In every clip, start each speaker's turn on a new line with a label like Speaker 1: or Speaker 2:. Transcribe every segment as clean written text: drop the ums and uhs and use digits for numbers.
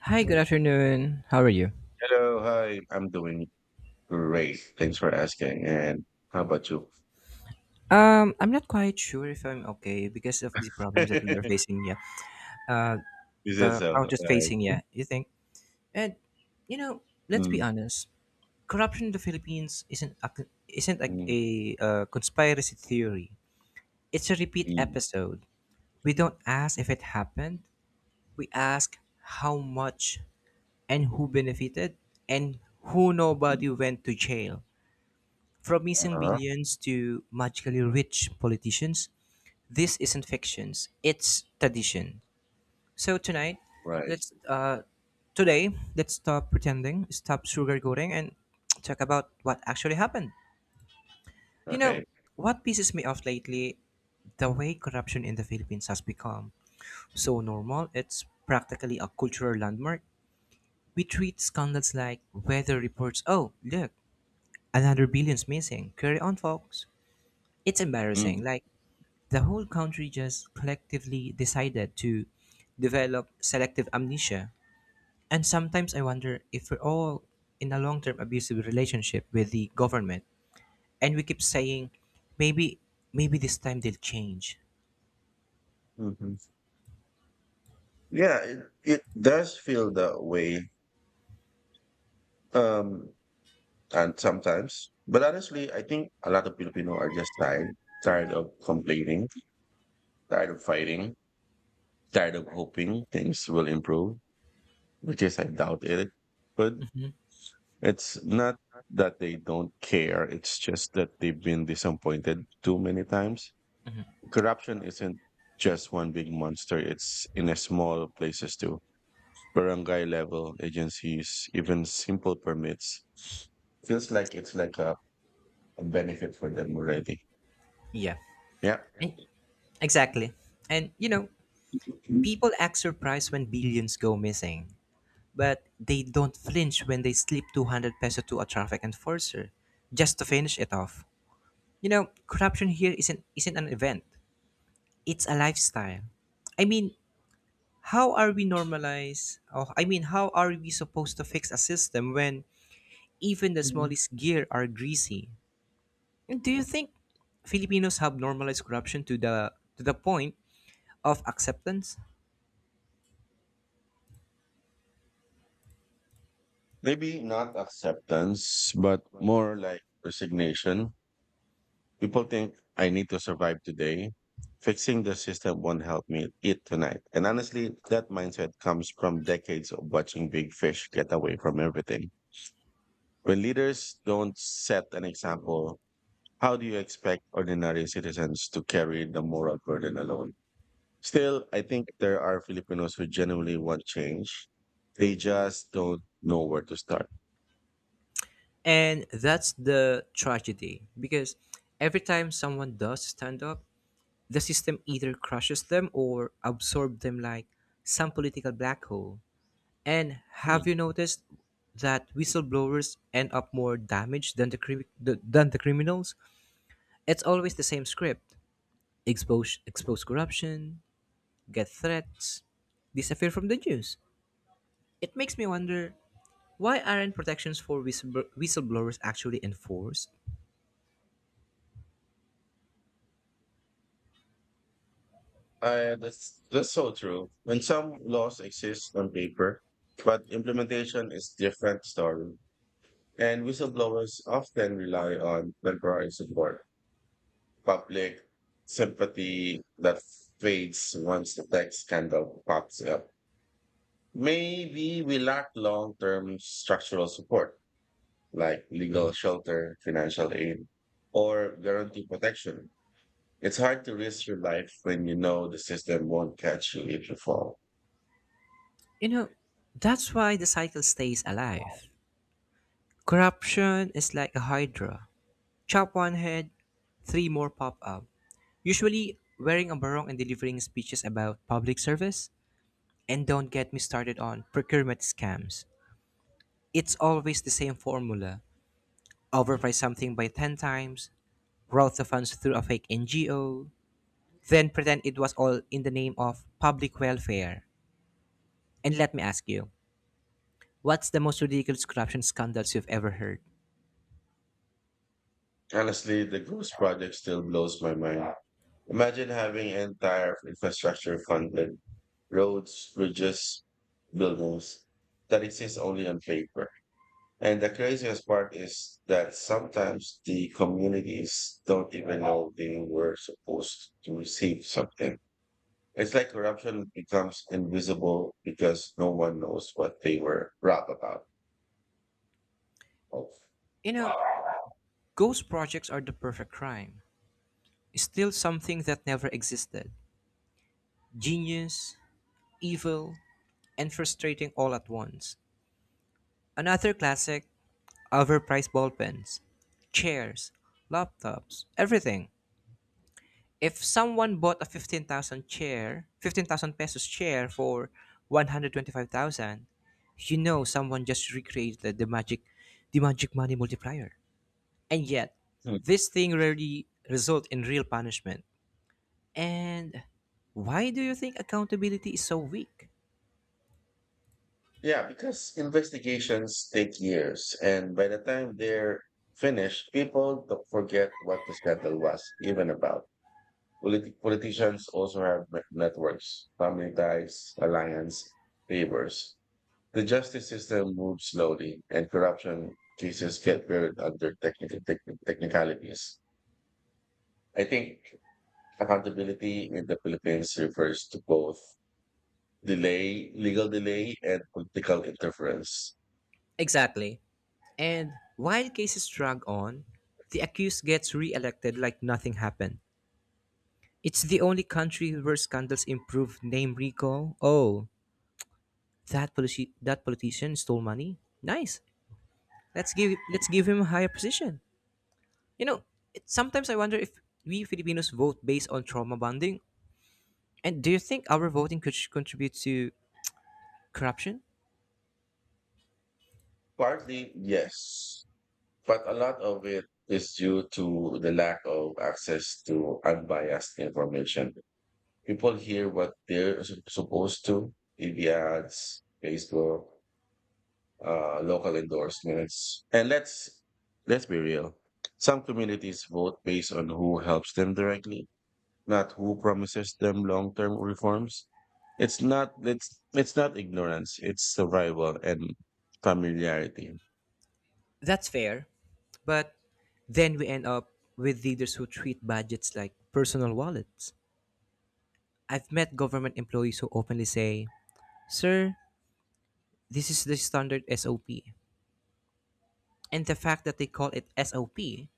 Speaker 1: Hi, good afternoon. How are you?
Speaker 2: Hello, hi. I'm doing great. Thanks for asking. And how about you?
Speaker 1: I'm not quite sure if I'm okay because of the problems that we are facing. Yeah, uh,
Speaker 2: You said
Speaker 1: the
Speaker 2: so.
Speaker 1: count is
Speaker 2: Right.
Speaker 1: facing. Yeah, you think? And let's be
Speaker 2: Mm,
Speaker 1: honest. Corruption in the Philippines isn't a, isn't like
Speaker 2: mm,
Speaker 1: a, a, uh conspiracy theory. It's a repeat
Speaker 2: mm,
Speaker 1: episode. We don't ask if it happened. We ask how much and who benefited and who
Speaker 2: mm.
Speaker 1: nobody went to jail. From missing
Speaker 2: Uh-huh.
Speaker 1: billions to magically rich politicians, this isn't fiction, it's tradition. So tonight,
Speaker 2: Right.
Speaker 1: let's today, let's stop pretending, stop sugarcoating and talk about what actually happened. You know,
Speaker 2: Okay.
Speaker 1: what pisses me off lately, the way corruption in the Philippines has become so normal, it's practically a cultural landmark. We treat scandals like weather reports. Oh, look, another billion's missing. Carry on, folks. It's embarrassing.
Speaker 2: Mm.
Speaker 1: Like the whole country just collectively decided to develop selective amnesia. And sometimes I wonder if we're all in a long-term abusive relationship with the government, and we keep saying, maybe, maybe this time they'll change.
Speaker 2: hmm Yeah, it does feel that way. Um, but honestly, I think a lot of Filipino are just tired, tired of complaining, tired of fighting, tired of hoping things will improve, which is I doubt it. But it's not that they don't care, it's just that they've been disappointed too many times. Corruption isn't just one big monster, it's in a small places too. Barangay level agencies, even simple permits. Feels like a benefit for them already.
Speaker 1: Yeah.
Speaker 2: Yeah.
Speaker 1: Eh, Exactly. And people act surprised when billions go missing, but they don't flinch when they slip ₱200 to a traffic enforcer just to finish it off. Corruption here isn't an event. It's a lifestyle. I mean, how are we normalized? Or I mean, how are we supposed to fix a system when even the smallest gear are greasy? And do you think Filipinos have normalized corruption to the point of acceptance?
Speaker 2: Maybe not acceptance, but more like resignation. People think I need to survive today. Fixing the system won't help me eat tonight. And honestly, that mindset comes from decades of watching big fish get away from everything. When leaders don't set an example, how do you expect ordinary citizens to carry the moral burden alone? Still, I think there are Filipinos who genuinely want change. They just don't know where to start.
Speaker 1: And that's the tragedy because every time someone does stand up, the system either crushes them or absorbs them like some political black hole. And have you noticed that whistleblowers end up more damaged than the criminals? It's always the same script: expose corruption, get threats, disappear from the news. It makes me wonder, why aren't protections for whistleblowers actually enforced?
Speaker 2: That's so true. When some laws exist on paper, but implementation is different story. And whistleblowers often rely on temporary support, public sympathy that fades once the tech scandal pops up. Maybe we lack long-term structural support, like legal shelter, financial aid, or guarantee protection. It's hard to risk your life when you know the system won't catch you if you fall.
Speaker 1: You know, that's why the cycle stays alive. Corruption is like a hydra. Chop one head, three more pop up, usually wearing a barong and delivering speeches about public service. And don't get me started on procurement scams. It's always the same formula: overprice something by 10 times, route the funds through a fake NGO, then pretend it was all in the name of public welfare. And let me ask you, what's the most ridiculous corruption scandals you've ever heard?
Speaker 2: Honestly, the Ghost Project still blows my mind. Imagine having entire infrastructure funded, roads, bridges, buildings that exist only on paper. And the craziest part is that sometimes the communities don't even know they were supposed to receive something. It's like corruption becomes invisible because no one knows what they were robbed about. Of.
Speaker 1: You know, Ghost projects are the perfect crime, still something that never existed. Genius, evil, and frustrating all at once. Another classic: overpriced ballpens, chairs, laptops, everything. If someone bought a 15,000 chair, ₱15,000 chair for 125,000, you know someone just recreated the magic money multiplier. And yet,
Speaker 2: Hmm.
Speaker 1: this thing rarely result in real punishment. And why do you think accountability is so weak?
Speaker 2: Yeah, because investigations take years, and by the time they're finished, people don't forget what the scandal was even about. Politicians also have networks, family ties, alliance, favors. The justice system moves slowly, and corruption cases get buried under technicalities. I think accountability in the Philippines refers to both delay, legal delay, and political interference.
Speaker 1: Exactly. And while cases drag on, the accused gets re elected like nothing happened. It's the only country where scandals improve name recall. Oh, that politician stole money. Nice. Let's give him a higher position. You know, Sometimes I wonder if we Filipinos vote based on trauma bonding. And do you think our voting could contribute to corruption?
Speaker 2: Partly, yes, but a lot of it is due to the lack of access to unbiased information. People hear what they're supposed to, TV ads, Facebook, local endorsements. And let's be real. Some communities vote based on who helps them directly, not who promises them long-term reforms. It's not ignorance. It's survival and familiarity.
Speaker 1: That's fair, but then we end up with leaders who treat budgets like personal wallets. I've met government employees who openly say, Sir, this is the standard SOP. And the fact that they call it SOP,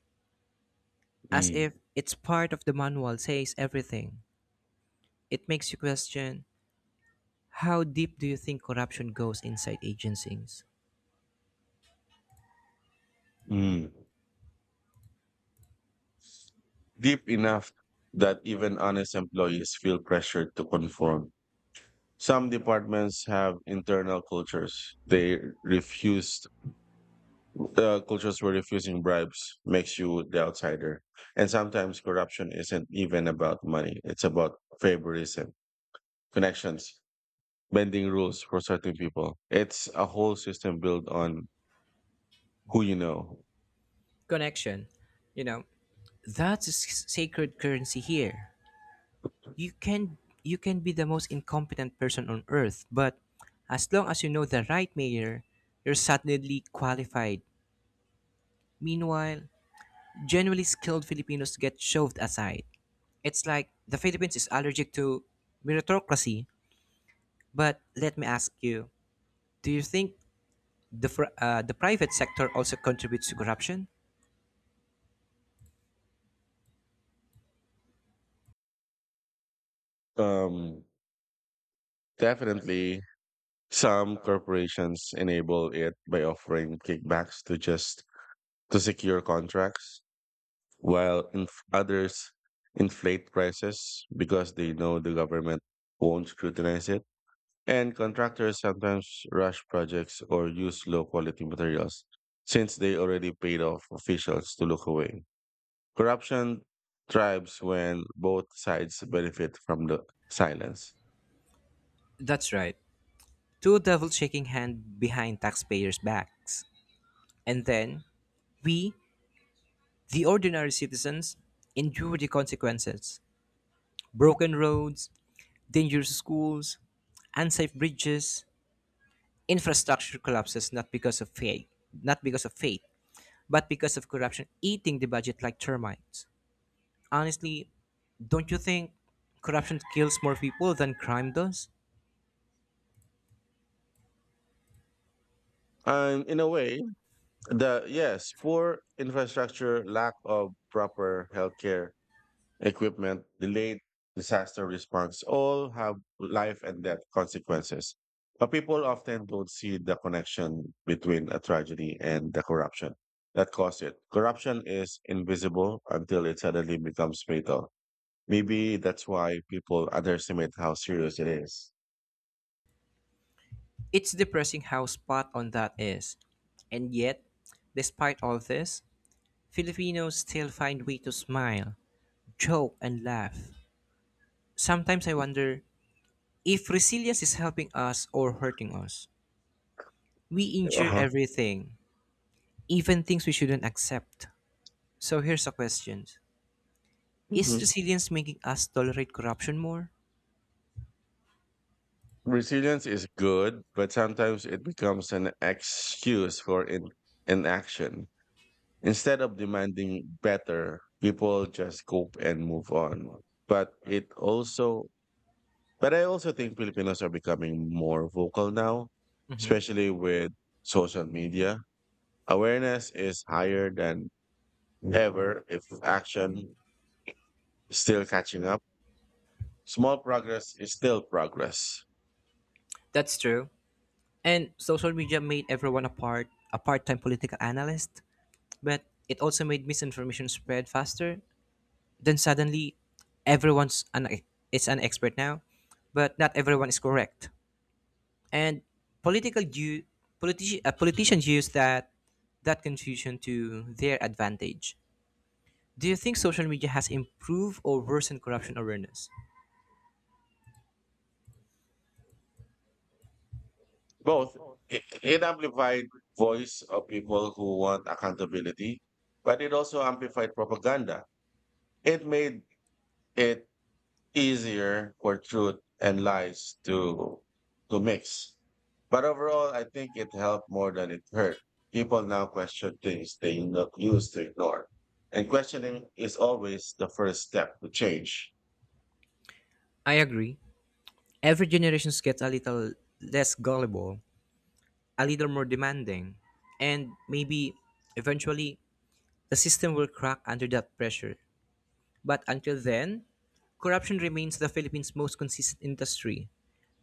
Speaker 1: as
Speaker 2: Mm.
Speaker 1: if it's part of the manual, says everything. It makes you question, how deep do you think corruption goes inside agencies?
Speaker 2: Mm. Deep enough that even honest employees feel pressured to conform. Some departments have internal cultures. They refused cultures were refusing bribes makes you the outsider. And sometimes corruption isn't even about money. It's about favoritism, connections, bending rules for certain people. It's a whole system built on who you know.
Speaker 1: Connection. You know, that's a sacred currency here. You can you can be the most incompetent person on earth, but as long as you know the right mayor, you're suddenly qualified. Meanwhile, genuinely skilled Filipinos get shoved aside. It's like the Philippines is allergic to meritocracy. But let me ask you, do you think the private sector also contributes to corruption?
Speaker 2: Um, definitely some corporations enable it by offering kickbacks to just to secure contracts while others inflate prices because they know the government won't scrutinize it. And contractors sometimes rush projects or use low quality materials since they already paid off officials to look away. Corruption thrives when both sides benefit from the silence.
Speaker 1: That's right. Two devils shaking hand behind taxpayers' backs. And then we, the ordinary citizens, endure the consequences. Broken roads, dangerous schools, unsafe bridges, infrastructure collapses not because of fate, not because of fate, but because of corruption eating the budget like termites. Honestly, don't you think corruption kills more people than crime does?
Speaker 2: And in a way, the yes, poor infrastructure, lack of proper healthcare, equipment, delayed disaster response, all have life and death consequences. But people often don't see the connection between a tragedy and the corruption that caused it. Corruption is invisible until it suddenly becomes fatal. Maybe that's why people underestimate how serious it is.
Speaker 1: It's depressing how spot on that is. And yet, despite all this, Filipinos still find way to smile, joke, and laugh. Sometimes I wonder if resilience is helping us or hurting us. We injure
Speaker 2: Uh-huh.
Speaker 1: everything, even things we shouldn't accept. So here's a question: is
Speaker 2: Mhm.
Speaker 1: resilience making us tolerate corruption more?
Speaker 2: Resilience is good, but sometimes it becomes an excuse for inaction. Instead of demanding better, people just cope and move on. But it also, but I also think Filipinos are becoming more vocal now, especially with social media. Awareness is higher than ever if action is still catching up. Small progress is still progress.
Speaker 1: That's true. And social media made everyone a part-time political analyst, but it also made misinformation spread faster. Then suddenly everyone's an expert now, but not everyone is correct. And political you politicians use that confusion to their advantage. Do you think social media has improved or worsened corruption awareness?
Speaker 2: Both. It amplified voice of people who want accountability, but it also amplified propaganda. It made it easier for truth and lies to mix. But overall, I think it helped more than it hurt. People now question things they not used to ignore. And questioning is always the first step to change.
Speaker 1: I agree. Every generation gets a little less gullible, a little more demanding. And maybe eventually the system will crack under that pressure. But until then, corruption remains the Philippines' most consistent industry.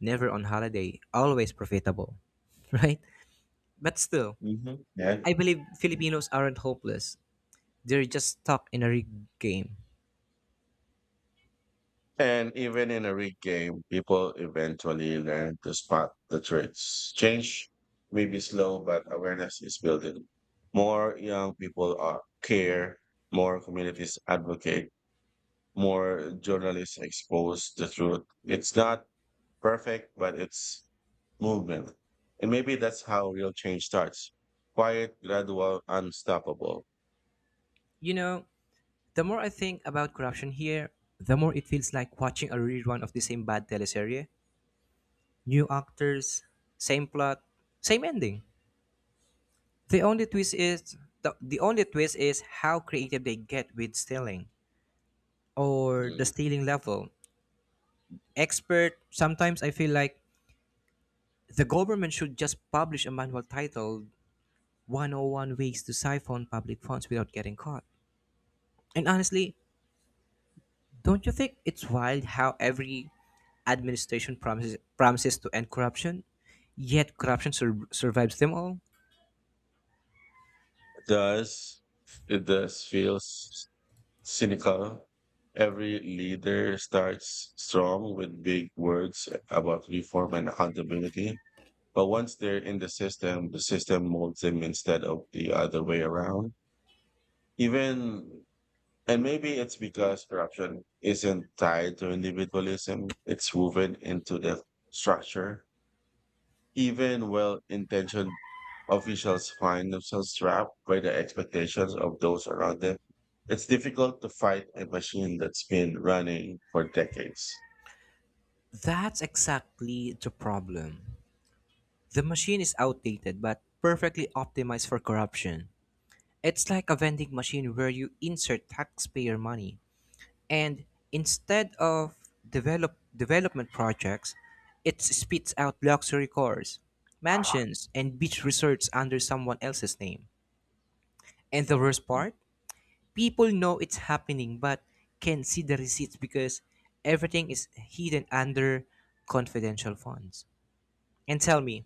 Speaker 1: Never on holiday, always profitable, right? But still,
Speaker 2: Yeah.
Speaker 1: I believe Filipinos aren't hopeless. They're just stuck in a rigged game.
Speaker 2: And even in a rigged game, people eventually learn to spot the traits. Change may be slow, but awareness is building. More young people are care, more communities advocate, more journalists expose the truth. It's not perfect, but it's movement. And maybe that's how real change starts. Quiet, gradual, unstoppable.
Speaker 1: You know, the more I think about corruption here, the more it feels like watching a rerun of the same bad teleserie. New actors, same plot, same ending. The only twist is how creative they get with stealing or the
Speaker 2: Mm.
Speaker 1: stealing level. Expert, sometimes I feel like the government should just publish a manual titled 101 Ways to Siphon Public Funds Without Getting Caught. And honestly, don't you think it's wild how every administration promises to end corruption, yet corruption survives them all?
Speaker 2: It does it does feels cynical. Every leader starts strong with big words about reform and accountability. But once they're in the system molds them instead of the other way around. Even And maybe it's because corruption isn't tied to individualism, it's woven into the structure. Even well intentioned officials find themselves trapped by the expectations of those around them. It's difficult to fight a machine that's been running for decades.
Speaker 1: That's exactly the problem. The machine is outdated but perfectly optimized for corruption. It's like a vending machine where you insert taxpayer money and instead of development projects, it spits out luxury cars, mansions, and beach resorts under someone else's name. And the worst part, people know it's happening but can not see the receipts because everything is hidden under confidential funds. And tell me,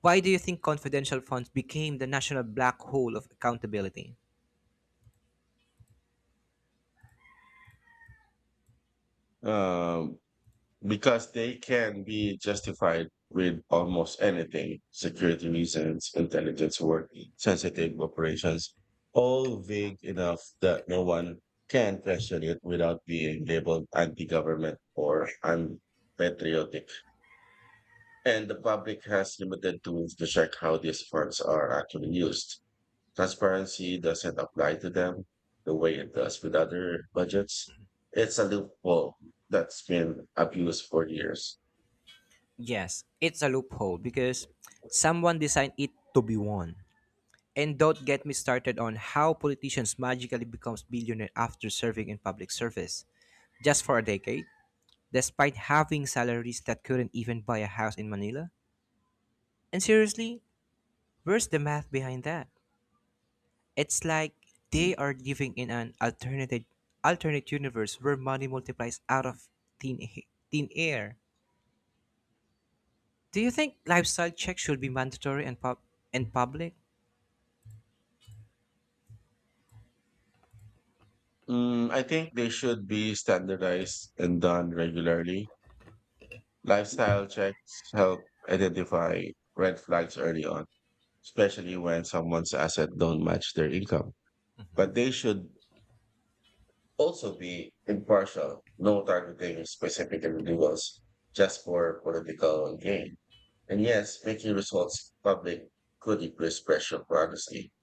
Speaker 1: why do you think confidential funds became the national black hole of accountability?
Speaker 2: Um, because they can be justified with almost anything security reasons, intelligence work, sensitive operations, all vague enough that no one can question it without being labeled anti government or unpatriotic. And the public has limited tools to check how these funds are actually used. Transparency doesn't apply to them the way it does with other budgets. It's a loophole that's been abused for years.
Speaker 1: Yes, it's a loophole because someone designed it to be one. And don't get me started on how politicians magically becomes billionaire after serving in public service just for a decade, despite having salaries that couldn't even buy a house in Manila. And seriously, where's the math behind that? It's like they
Speaker 2: Mm.
Speaker 1: are living in an alternative alternate universe where money multiplies out of thin, thin air. Do you think lifestyle checks should be mandatory and public?
Speaker 2: Mm, I think they should be standardized and done regularly. Lifestyle checks help identify red flags early on, especially when someone's assets don't match their income. But they should also be impartial, no targeting specific individuals just for political gain. And yes, making results public could increase pressure for honesty.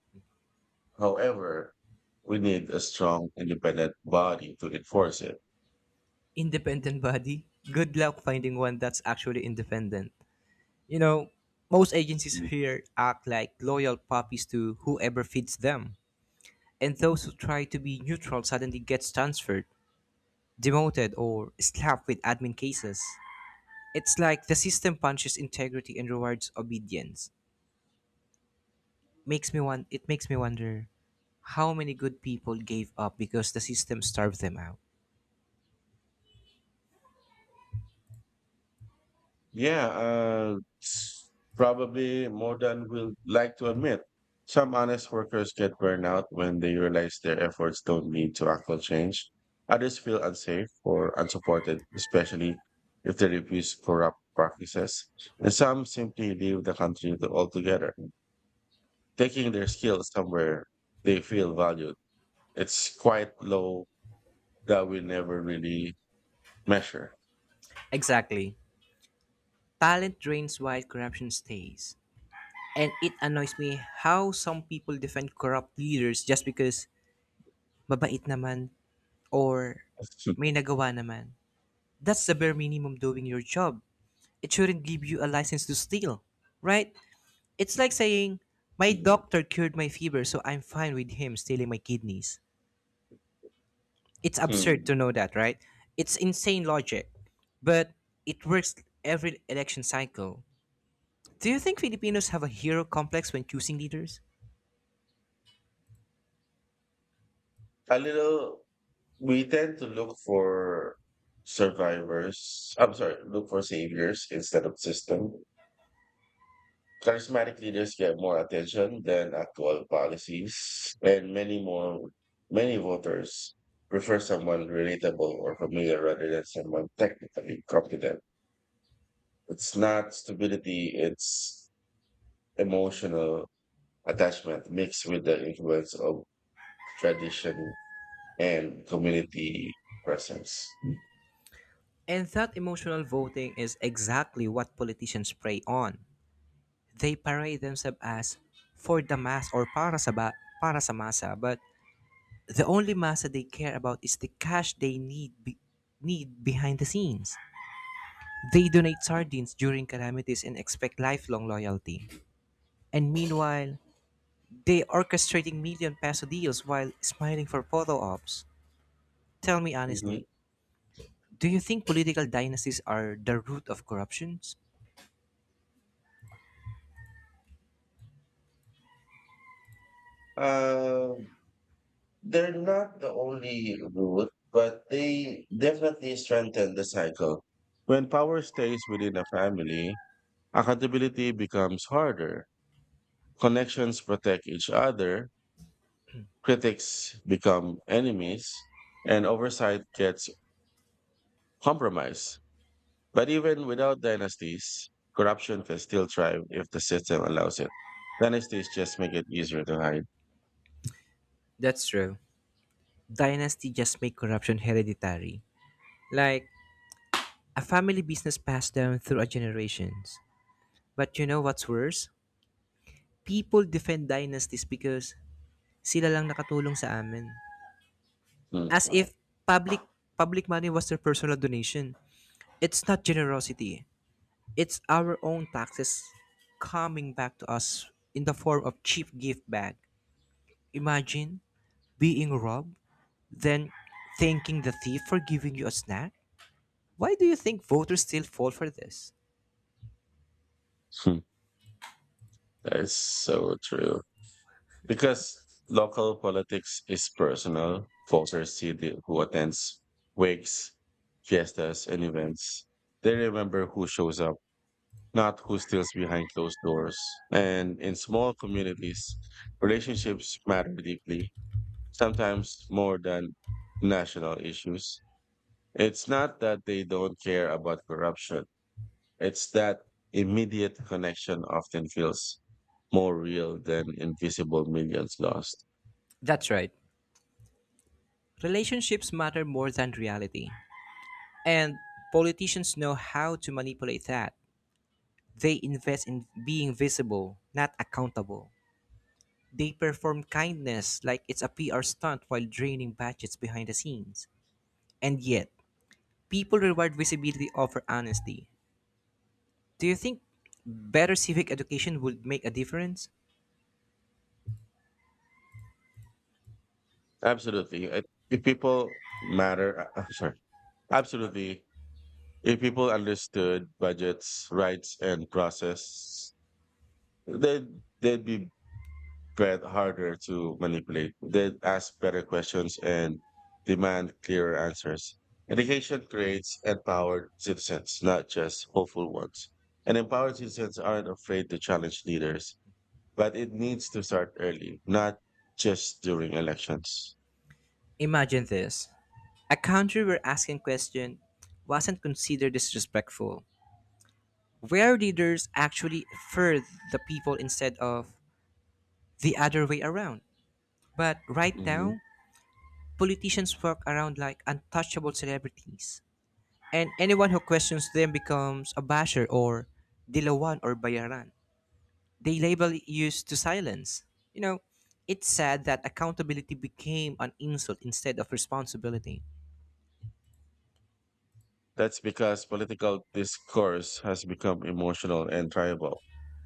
Speaker 2: However, we need a strong, independent body to enforce it.
Speaker 1: Independent body? Good luck finding one that's actually independent. You know, Most agencies here act like loyal puppies to whoever feeds them. And those who try to be neutral suddenly gets transferred, demoted, or slapped with admin cases. It's like the system punches integrity and rewards obedience. Makes me want it makes me wonder how many good people gave up because the system starved them out.
Speaker 2: Yeah, probably more than we'll like to admit. Some honest workers get burnout when they realize their efforts don't lead to actual change. Others feel unsafe or unsupported, especially if they refuse corrupt practices. And some simply leave the country altogether, taking their skills somewhere they feel valued. It's quite low that we never really measure.
Speaker 1: Exactly. Talent drains while corruption stays. And it annoys me how some people defend corrupt leaders just because mabait naman or may nagawa naman. That's the bare minimum, doing your job. It shouldn't give you a license to steal, right? It's like saying, my doctor cured my fever, so I'm fine with him stealing my kidneys. It's absurd
Speaker 2: Hmm.
Speaker 1: to know that, right? It's insane logic. But it works every election cycle. Do you think Filipinos have a hero complex when choosing leaders?
Speaker 2: A little. We tend to look for survivors. I'm sorry, look for saviors instead of system. Charismatic leaders get more attention than actual policies, and many voters prefer someone relatable or familiar rather than someone technically competent. It's not stability; it's emotional attachment mixed with the influence of tradition and community presence.
Speaker 1: And that emotional voting is exactly what politicians prey on. They parade themselves as for the mass or para sa masa, but the only masa they care about is the cash they need behind the scenes. They donate sardines during calamities and expect lifelong loyalty. And meanwhile, they orchestrating million peso deals while smiling for photo ops. Tell me honestly,
Speaker 2: Mhm.
Speaker 1: do you think political dynasties are the root of corruptions?
Speaker 2: Uh, they're not the only route, but they definitely strengthen the cycle. When power stays within a family, accountability becomes harder. Connections protect each other, critics become enemies, and oversight gets compromised. But even without dynasties, corruption can still thrive if the system allows it. Dynasties just make it easier to hide.
Speaker 1: That's true. Dynasty just make corruption hereditary, like a family business passed down through a generations. But you know what's worse? People defend dynasties because sila lang nakatulong sa amin.
Speaker 2: Hmm.
Speaker 1: As if public public money was their personal donation. It's not generosity. It's our own taxes coming back to us in the form of cheap gift bag. Imagine being robbed, then thanking the thief for giving you a snack. Why do you think voters still fall for this?
Speaker 2: Hmm. That is so true. Because local politics is personal, voters see the, who attends wakes, fiestas, and events. They remember who shows up, not who steals behind closed doors. And in small communities, relationships matter deeply, sometimes more than national issues. It's not that they don't care about corruption, it's that immediate connection often feels more real than invisible millions lost.
Speaker 1: That's right. Relationships matter more than reality. And politicians know how to manipulate that. They invest in being visible, not accountable. They perform kindness like it's a PR stunt while draining budgets behind the scenes. And yet, people reward visibility over honesty. Do you think better civic education would make a difference?
Speaker 2: Absolutely. I- If people matter, I'm sorry. Absolutely. If people understood budgets, rights, and process, they'd, they'd be bet harder to manipulate. They'd ask better questions and demand clearer answers. Education creates empowered citizens, not just hopeful ones. And empowered citizens aren't afraid to challenge leaders, but it needs to start early, not just during elections.
Speaker 1: Imagine this: a country where asking question wasn't considered disrespectful, where leaders actually serve the people instead of the other way around. But right
Speaker 2: Mhm.
Speaker 1: now, politicians walk around like untouchable celebrities, and anyone who questions them becomes a basher or dilawan or bayaran. They label used to silence. You know, it's sad that accountability became an insult instead of responsibility.
Speaker 2: That's because political discourse has become emotional and tribal.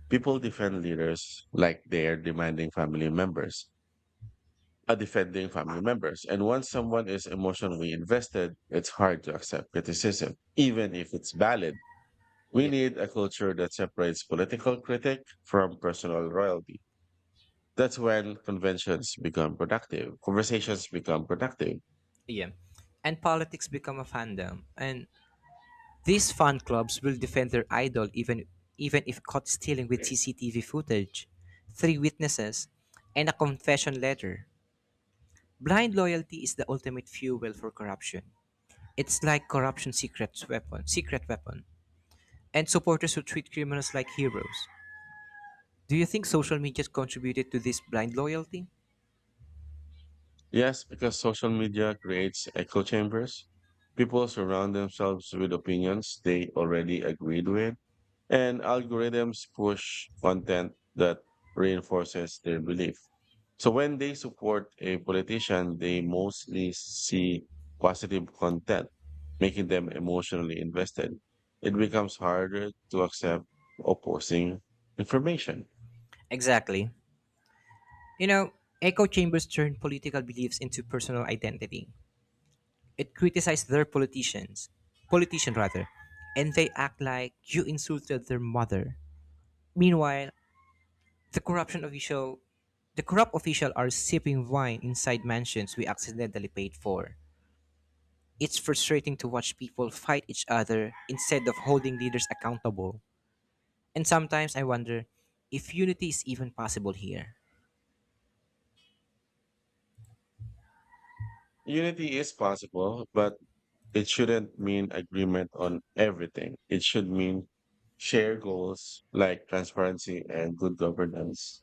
Speaker 2: People defend leaders like they're demanding family members, are defending family members. And once someone is emotionally invested, it's hard to accept criticism, even if it's valid. We
Speaker 1: Yeah,
Speaker 2: need a culture that separates political critic from personal loyalty. That's when conversations become productive.
Speaker 1: yeah. And politics become a fandom, and these fan clubs will defend their idol even if caught stealing with CCTV footage, three witnesses, and a confession letter. Blind loyalty is the ultimate fuel for corruption. It's like corruption's secret weapon. And supporters who treat criminals like heroes. Do you think social media contributed to this blind loyalty?
Speaker 2: Yes, because social media creates echo chambers. People surround themselves with opinions they already agreed with, and algorithms push content that reinforces their belief. So when they support a politician, they mostly see positive content, making them emotionally invested. It becomes harder to accept opposing information.
Speaker 1: Exactly. You know, Echo chambers turn political beliefs into personal identity. It criticized their politicians, politician rather, and they act like you insulted their mother. Meanwhile, the corruption official, the corrupt official are sipping wine inside mansions we accidentally paid for. It's frustrating to watch people fight each other instead of holding leaders accountable. And sometimes I wonder if unity is even possible here.
Speaker 2: Unity is possible, but it shouldn't mean agreement on everything. It should mean shared goals like transparency and good governance,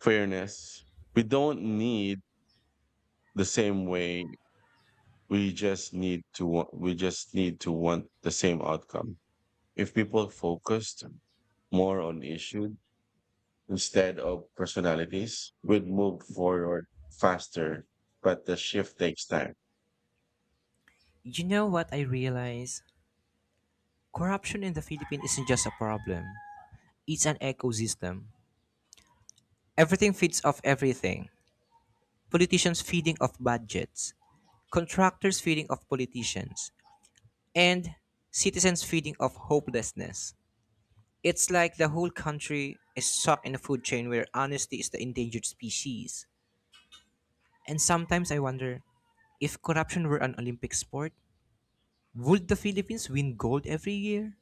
Speaker 2: fairness. We don't need the same way. We just need to want the same outcome. If people focused more on issue instead of personalities, we'd move forward faster. But the shift takes time.
Speaker 1: You know what I realize? Corruption in the Philippines isn't just a problem, it's an ecosystem. Everything feeds off everything. Politicians feeding off budgets, contractors feeding off politicians, and citizens feeding off hopelessness. It's like the whole country is stuck in a food chain where honesty is the endangered species. And sometimes I wonder, if corruption were an Olympic sport, would the Philippines win gold every year?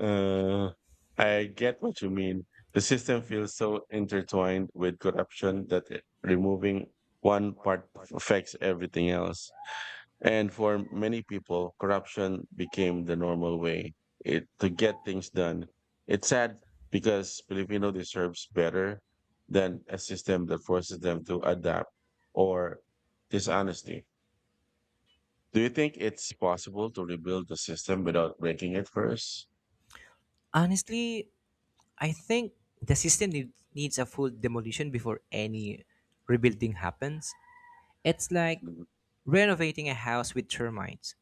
Speaker 2: Uh, I get what you mean. The system feels so intertwined with corruption that removing one part affects everything else. And for many people, corruption became the normal way to get things done. It's sad because Filipino deserves better than a system that forces them to adapt or dishonesty. Do you think it's possible to rebuild the system without breaking it 1st?
Speaker 1: Honestly, I think the system needs a full demolition before any rebuilding happens. It's like renovating a house with termites.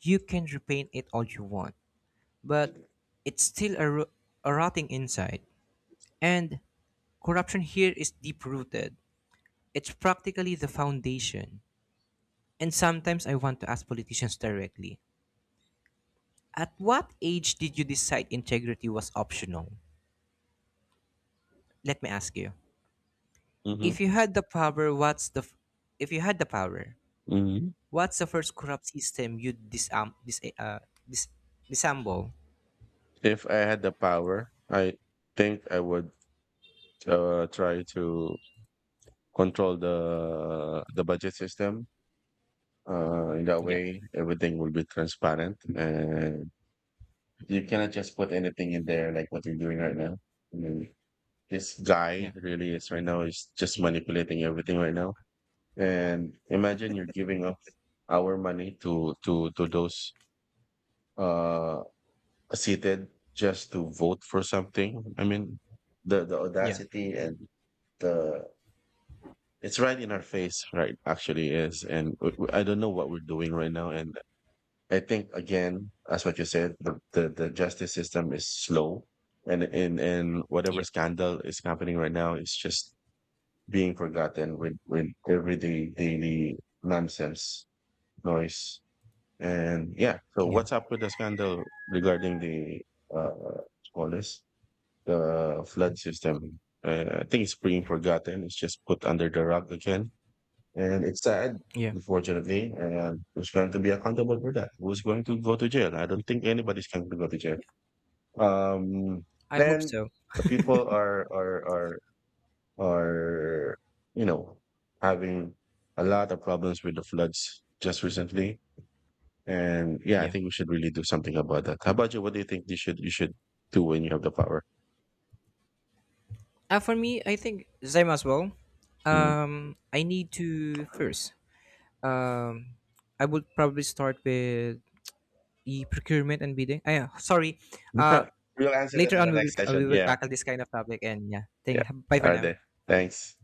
Speaker 1: You can repaint it all you want, but it's still a rotting inside. And corruption here is deep rooted. It's practically the foundation. And sometimes I want to ask politicians directly, at what age did you decide integrity was optional? Let me ask you.
Speaker 2: Mm-hmm.
Speaker 1: If you had the power, what's the f- If you had the power,
Speaker 2: Mm-hmm.
Speaker 1: what's the first corrupt system you disarm dis dis disassemble?
Speaker 2: If I had the power, I think I would try to control the budget system. In that
Speaker 1: Yeah.
Speaker 2: way, everything will be transparent, and you cannot just put anything in there like what you're doing right now. I mean, this
Speaker 1: Yeah.
Speaker 2: guy really is right now is just manipulating everything right now. And imagine you're giving up our money to those uh seated just to vote for something. I mean, the
Speaker 1: Yeah.
Speaker 2: audacity and the it's right in our face right actually is, and I don't know what we're doing right now. And I think again as what you said the justice system is slow, and whatever
Speaker 1: Yeah.
Speaker 2: scandal is happening right now is just being forgotten with everyday daily nonsense noise. And yeah, so
Speaker 1: Yeah.
Speaker 2: what's up with the scandal regarding the uh all this the flood system. I think it's being forgotten, it's just put under the rug again. And it's sad,
Speaker 1: Yeah.
Speaker 2: unfortunately. And who's going to be accountable for that? Who's going to go to jail? I don't think anybody's going to go to jail. Um,
Speaker 1: I hope
Speaker 2: then
Speaker 1: so.
Speaker 2: the people are you know, having a lot of problems with the floods just recently. And yeah, I
Speaker 1: Yeah.
Speaker 2: think we should really do something about that. How about you? What do you think you should do when you have the power?
Speaker 1: For me, I think same as well.
Speaker 2: Mm.
Speaker 1: I need to first. Um, I would probably start with e procurement and bidding. I sorry. Uh,
Speaker 2: We'll answer that
Speaker 1: Later
Speaker 2: in
Speaker 1: on
Speaker 2: the
Speaker 1: we will
Speaker 2: next
Speaker 1: uh,
Speaker 2: session.
Speaker 1: we will
Speaker 2: Yeah,
Speaker 1: tackle this kind of topic, and yeah.
Speaker 2: yeah.
Speaker 1: Thank. Bye for
Speaker 2: All right,
Speaker 1: now.
Speaker 2: then. Thanks.